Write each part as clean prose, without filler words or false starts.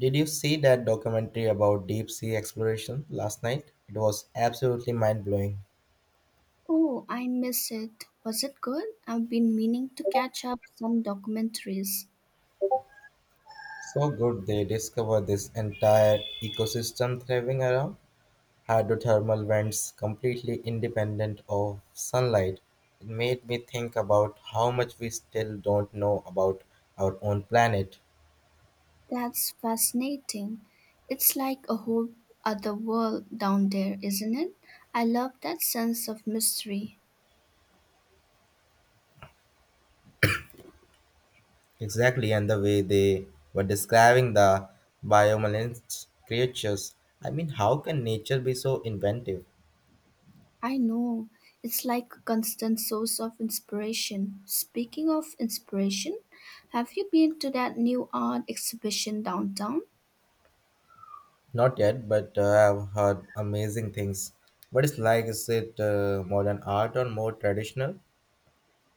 Did you see that documentary about deep sea exploration last night? It was absolutely mind blowing. Oh, I miss it. Was it good? I've been meaning to catch up some documentaries. So good they discovered this entire ecosystem thriving around hydrothermal vents completely independent of sunlight. It made me think about how much we still don't know about our own planet. That's fascinating. It's like a whole other world down there, isn't it? I love that sense of mystery. Exactly, and the way they were describing the biomolens creatures. How can nature be so inventive? I know. It's like a constant source of inspiration. Speaking of inspiration, have you been to that new art exhibition downtown? Not yet, but I've heard amazing things. What is like? Is it modern art or more traditional?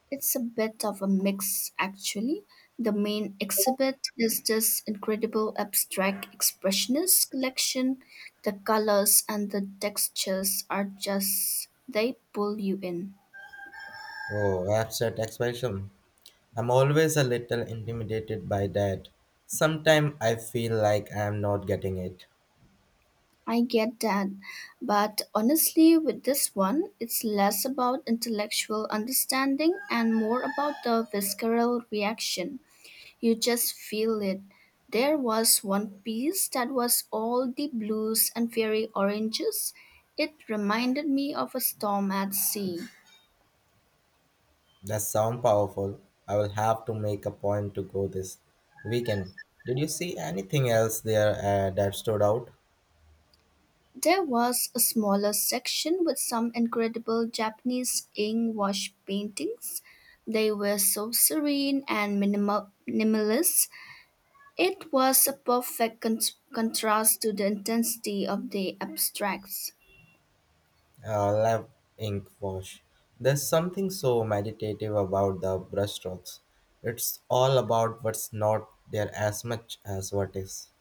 It's a bit of a mix, actually. The main exhibit is this incredible abstract expressionist collection. The colors and the textures are just, they pull you in. Oh, abstract expression. I'm always a little intimidated by that. Sometimes I feel like I am not getting it. I get that, but honestly, with this one, it's less about intellectual understanding and more about the visceral reaction. You just feel it. There was one piece that was all the blues and fairy oranges. It reminded me of a storm at sea. That sound powerful. I will have to make a point to go this weekend. Did you see anything else there that stood out? There was a smaller section with some incredible Japanese ink wash paintings. They were so serene and minimalist. It was a perfect contrast to the intensity of the abstracts. Lab Ink wash. There's something so meditative about the brushstrokes. It's all about what's not there as much as what is.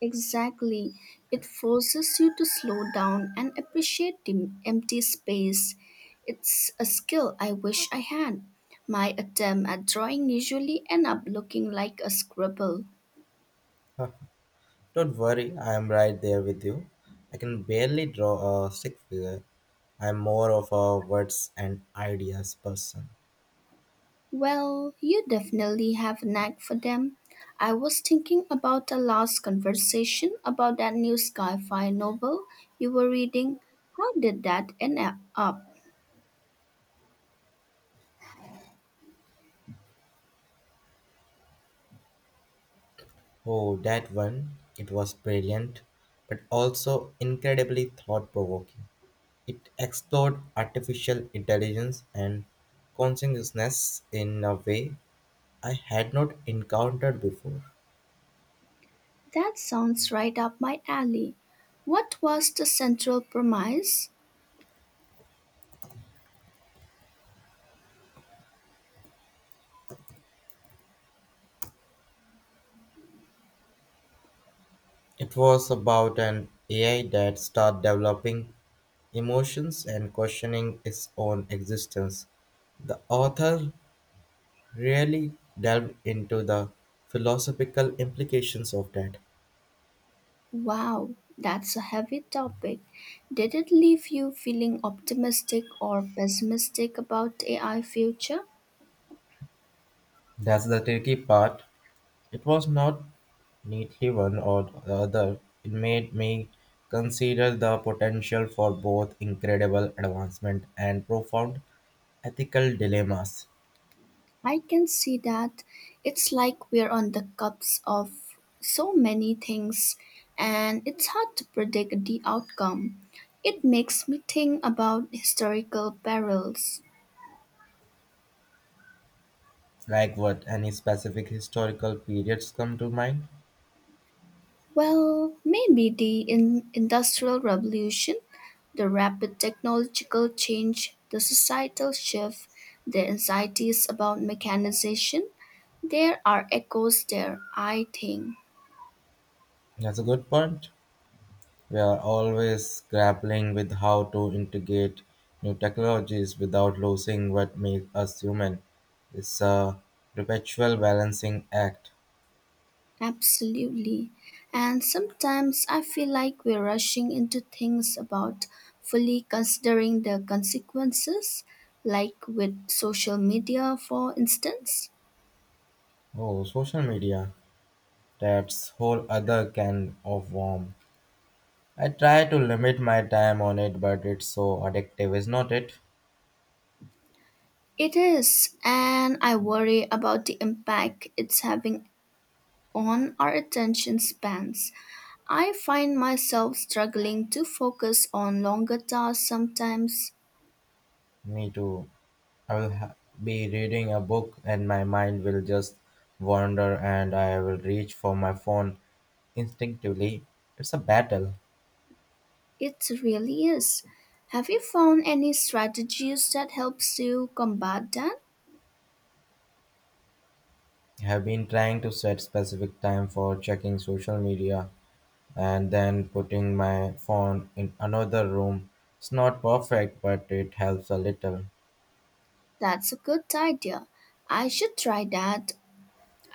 Exactly. It forces you to slow down and appreciate the empty space. It's a skill I wish I had. My attempt at drawing usually end up looking like a scribble. Huh. Don't worry, I am right there with you. I can barely draw a stick figure. I'm more of a words and ideas person. Well, you definitely have a knack for them. I was thinking about the last conversation about that new sci-fi novel you were reading. How did that end up? Oh, that one, it was brilliant, but also incredibly thought provoking. It explored artificial intelligence and consciousness in a way I had not encountered before. That sounds right up my alley. What was the central premise? It was about an AI that started developing emotions and questioning its own existence. The author really delved into the philosophical implications of that. Wow, that's a heavy topic. Did it leave you feeling optimistic or pessimistic about AI future? That's the tricky part. It was not neatly one or the other. It made me consider the potential for both incredible advancement and profound ethical dilemmas. I can see that. It's like we're on the cusp of so many things, and it's hard to predict the outcome. It makes me think about historical perils. Like what, any specific historical periods come to mind? Well, maybe the Industrial Revolution, the rapid technological change, the societal shift, the anxieties about mechanization. There are echoes there, I think. That's a good point. We are always grappling with how to integrate new technologies without losing what makes us human. It's a perpetual balancing act. Absolutely. And sometimes I feel like we're rushing into things about fully considering the consequences, like with social media, for instance. Oh, social media. That's whole other can of worm. I try to limit my time on it, but it's so addictive, is not it? It is, and I worry about the impact it's having on our attention spans. I find myself struggling to focus on longer tasks sometimes. Me too. I will ha- be reading a book and my mind will just wander and I will reach for my phone instinctively. It's a battle. It really is. Have you found any strategies that helps you combat that? I have been trying to set specific time for checking social media and then putting my phone in another room. It's not perfect, but it helps a little. That's a good idea. I should try that.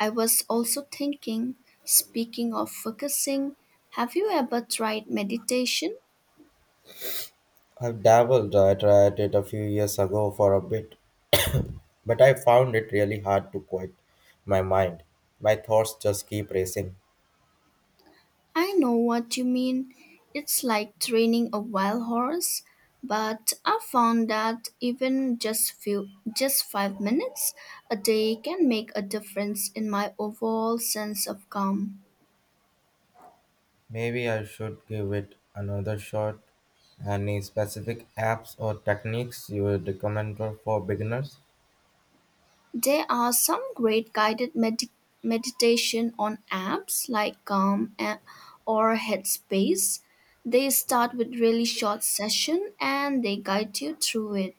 I was also thinking, speaking of focusing, have you ever tried meditation? I've dabbled. I tried it a few years ago for a bit, but I found it really hard to quiet my mind. My thoughts just keep racing. I know what you mean. It's like training a wild horse, but I found that even just 5 minutes a day can make a difference in my overall sense of calm. Maybe I should give it another shot. Any specific apps or techniques you would recommend for beginners? There are some great guided meditation on apps like or Headspace. They start with really short session and they guide you through it.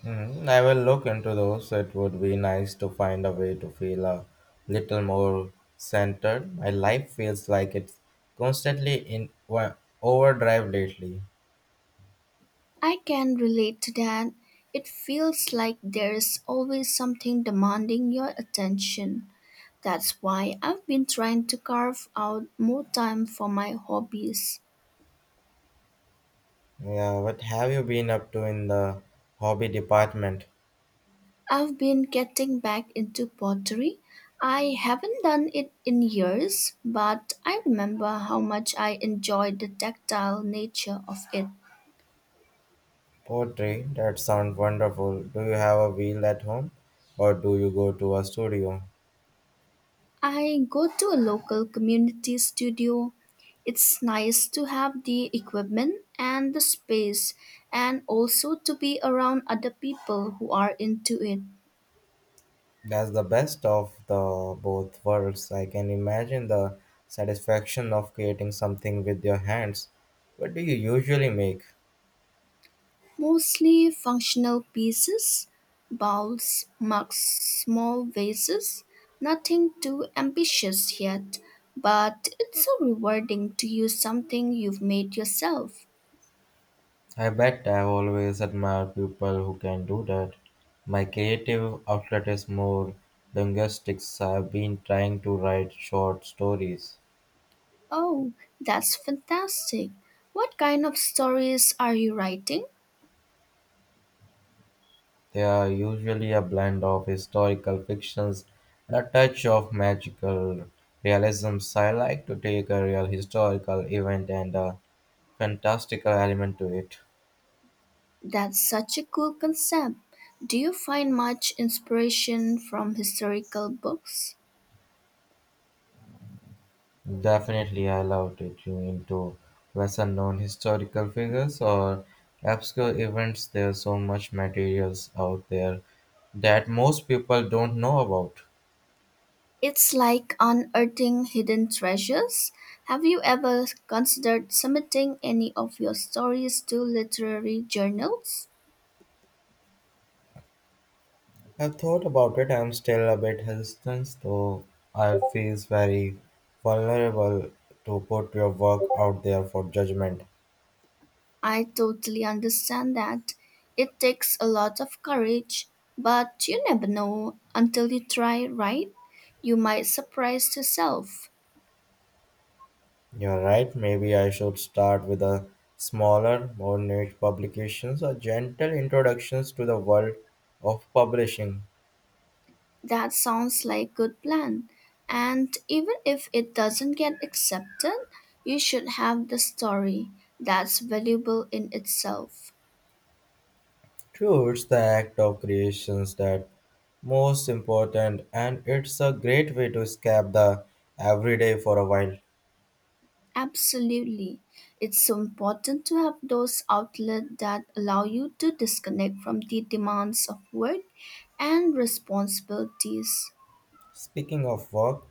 Hmm, I will look into those. It would be nice to find a way to feel a little more centered. My life feels like it's constantly in wa- Overdrive lately. I can relate to that. It feels like there is always something demanding your attention. That's why I've been trying to carve out more time for my hobbies. Yeah, what have you been up to in the hobby department? I've been getting back into pottery. I haven't done it in years, but I remember how much I enjoyed the tactile nature of it. Poetry, that sounds wonderful. Do you have a wheel at home or do you go to a studio? I go to a local community studio. It's nice to have the equipment and the space, and also to be around other people who are into it. That's the best of the both worlds. I can imagine the satisfaction of creating something with your hands. What do you usually make? Mostly functional pieces, bowls, mugs, small vases. Nothing too ambitious yet, but it's so rewarding to use something you've made yourself. I bet I've always admired people who can do that. My creative outlet is more linguistics. I've been trying to write short stories. Oh, that's fantastic. What kind of stories are you writing? They are usually a blend of historical fictions and a touch of magical realism. So I like to take a real historical event and a fantastical element to it. That's such a cool concept. Do you find much inspiration from historical books? Definitely, I loved it. You into lesser known historical figures or obscure events. There's so much materials out there that most people don't know about. It's like unearthing hidden treasures. Have you ever considered submitting any of your stories to literary journals? I've thought about it. I'm still a bit hesitant, though. I feel very vulnerable to put your work out there for judgment. I totally understand that. It takes a lot of courage, but you never know until you try, right? You might surprise yourself. You're right. Maybe I should start with a smaller, more niche publications or gentle introductions to the world of publishing. That sounds like good plan. And even if it doesn't get accepted, you should have the story. That's valuable in itself. True, it's the act of creations that most important, and it's a great way to escape the everyday for a while. Absolutely. It's so important to have those outlets that allow you to disconnect from the demands of work and responsibilities. Speaking of work,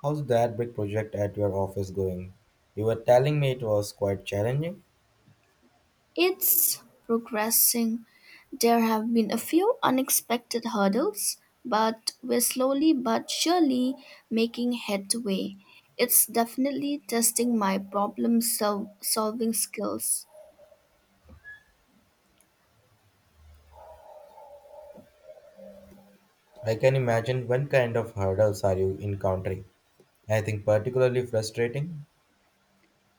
how's that big project at your office going? You were telling me it was quite challenging. It's progressing. There have been a few unexpected hurdles, but we're slowly but surely making headway. It's definitely testing my problem solving skills. I can imagine, what kind of hurdles are you encountering? Anything particularly frustrating?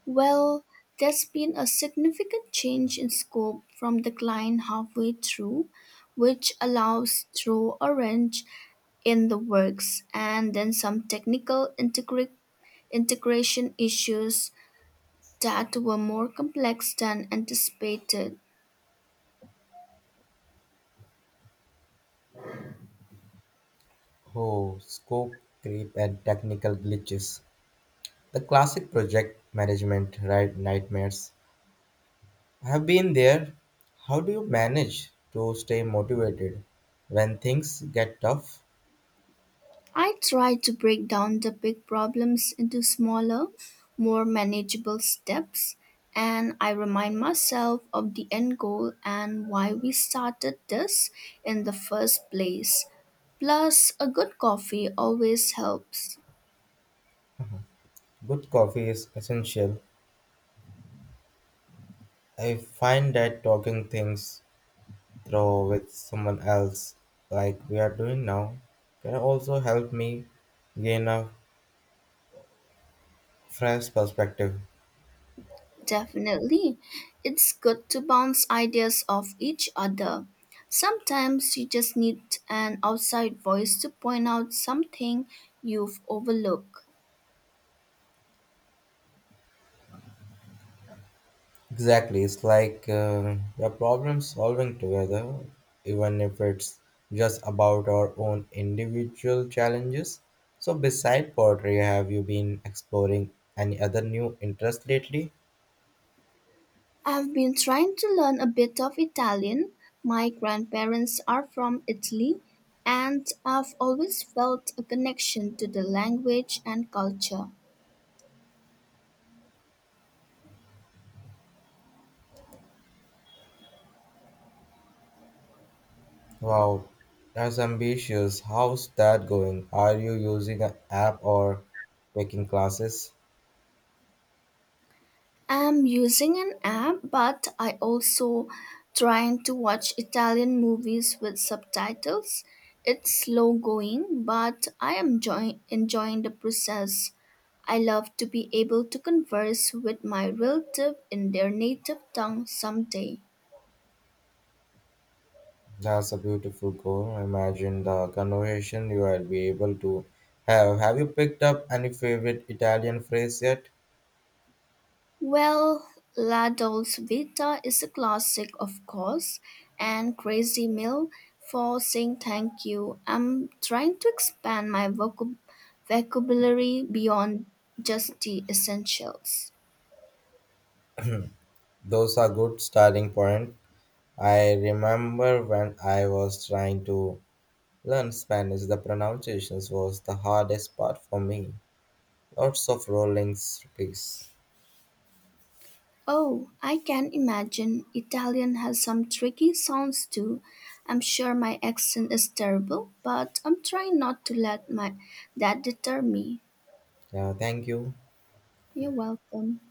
Well, there's been a significant change in scope from the client halfway through, which allows throw a wrench in the works, and then some technical integration issues that were more complex than anticipated. Oh, scope creep and technical glitches. The classic project management right nightmares. I have been there. How do you manage to stay motivated when things get tough? I try to break down the big problems into smaller, more manageable steps, and I remind myself of the end goal and why we started this in the first place. Plus, a good coffee always helps. Good coffee is essential. I find that talking things through with someone else, like we are doing now, can also help me gain a fresh perspective. Definitely. It's good to bounce ideas off each other. Sometimes you just need an outside voice to point out something you've overlooked. Exactly, it's like we are problem solving together, even if it's just about our own individual challenges. So, beside pottery, have you been exploring any other new interest lately? I've been trying to learn a bit of Italian. My grandparents are from Italy, and I've always felt a connection to the language and culture. Wow, that's ambitious. How's that going? Are you using an app or taking classes? I'm using an app, but I also trying to watch Italian movies with subtitles. It's slow going, but I am enjoying the process. I love to be able to converse with my relative in their native tongue someday. That's a beautiful goal. Imagine the conversation you will be able to have. Have you picked up any favorite Italian phrase yet? Well, La Dolce Vita is a classic, of course, and Crazy Mill for saying thank you. I'm trying to expand my vocabulary beyond just the essentials. Those are good starting point. I remember when I was trying to learn Spanish, the pronunciations was the hardest part for me. Lots of rolling space. Oh, I can imagine Italian has some tricky sounds too. I'm sure my accent is terrible, but I'm trying not to let my that deter me. Yeah, thank you. You're welcome.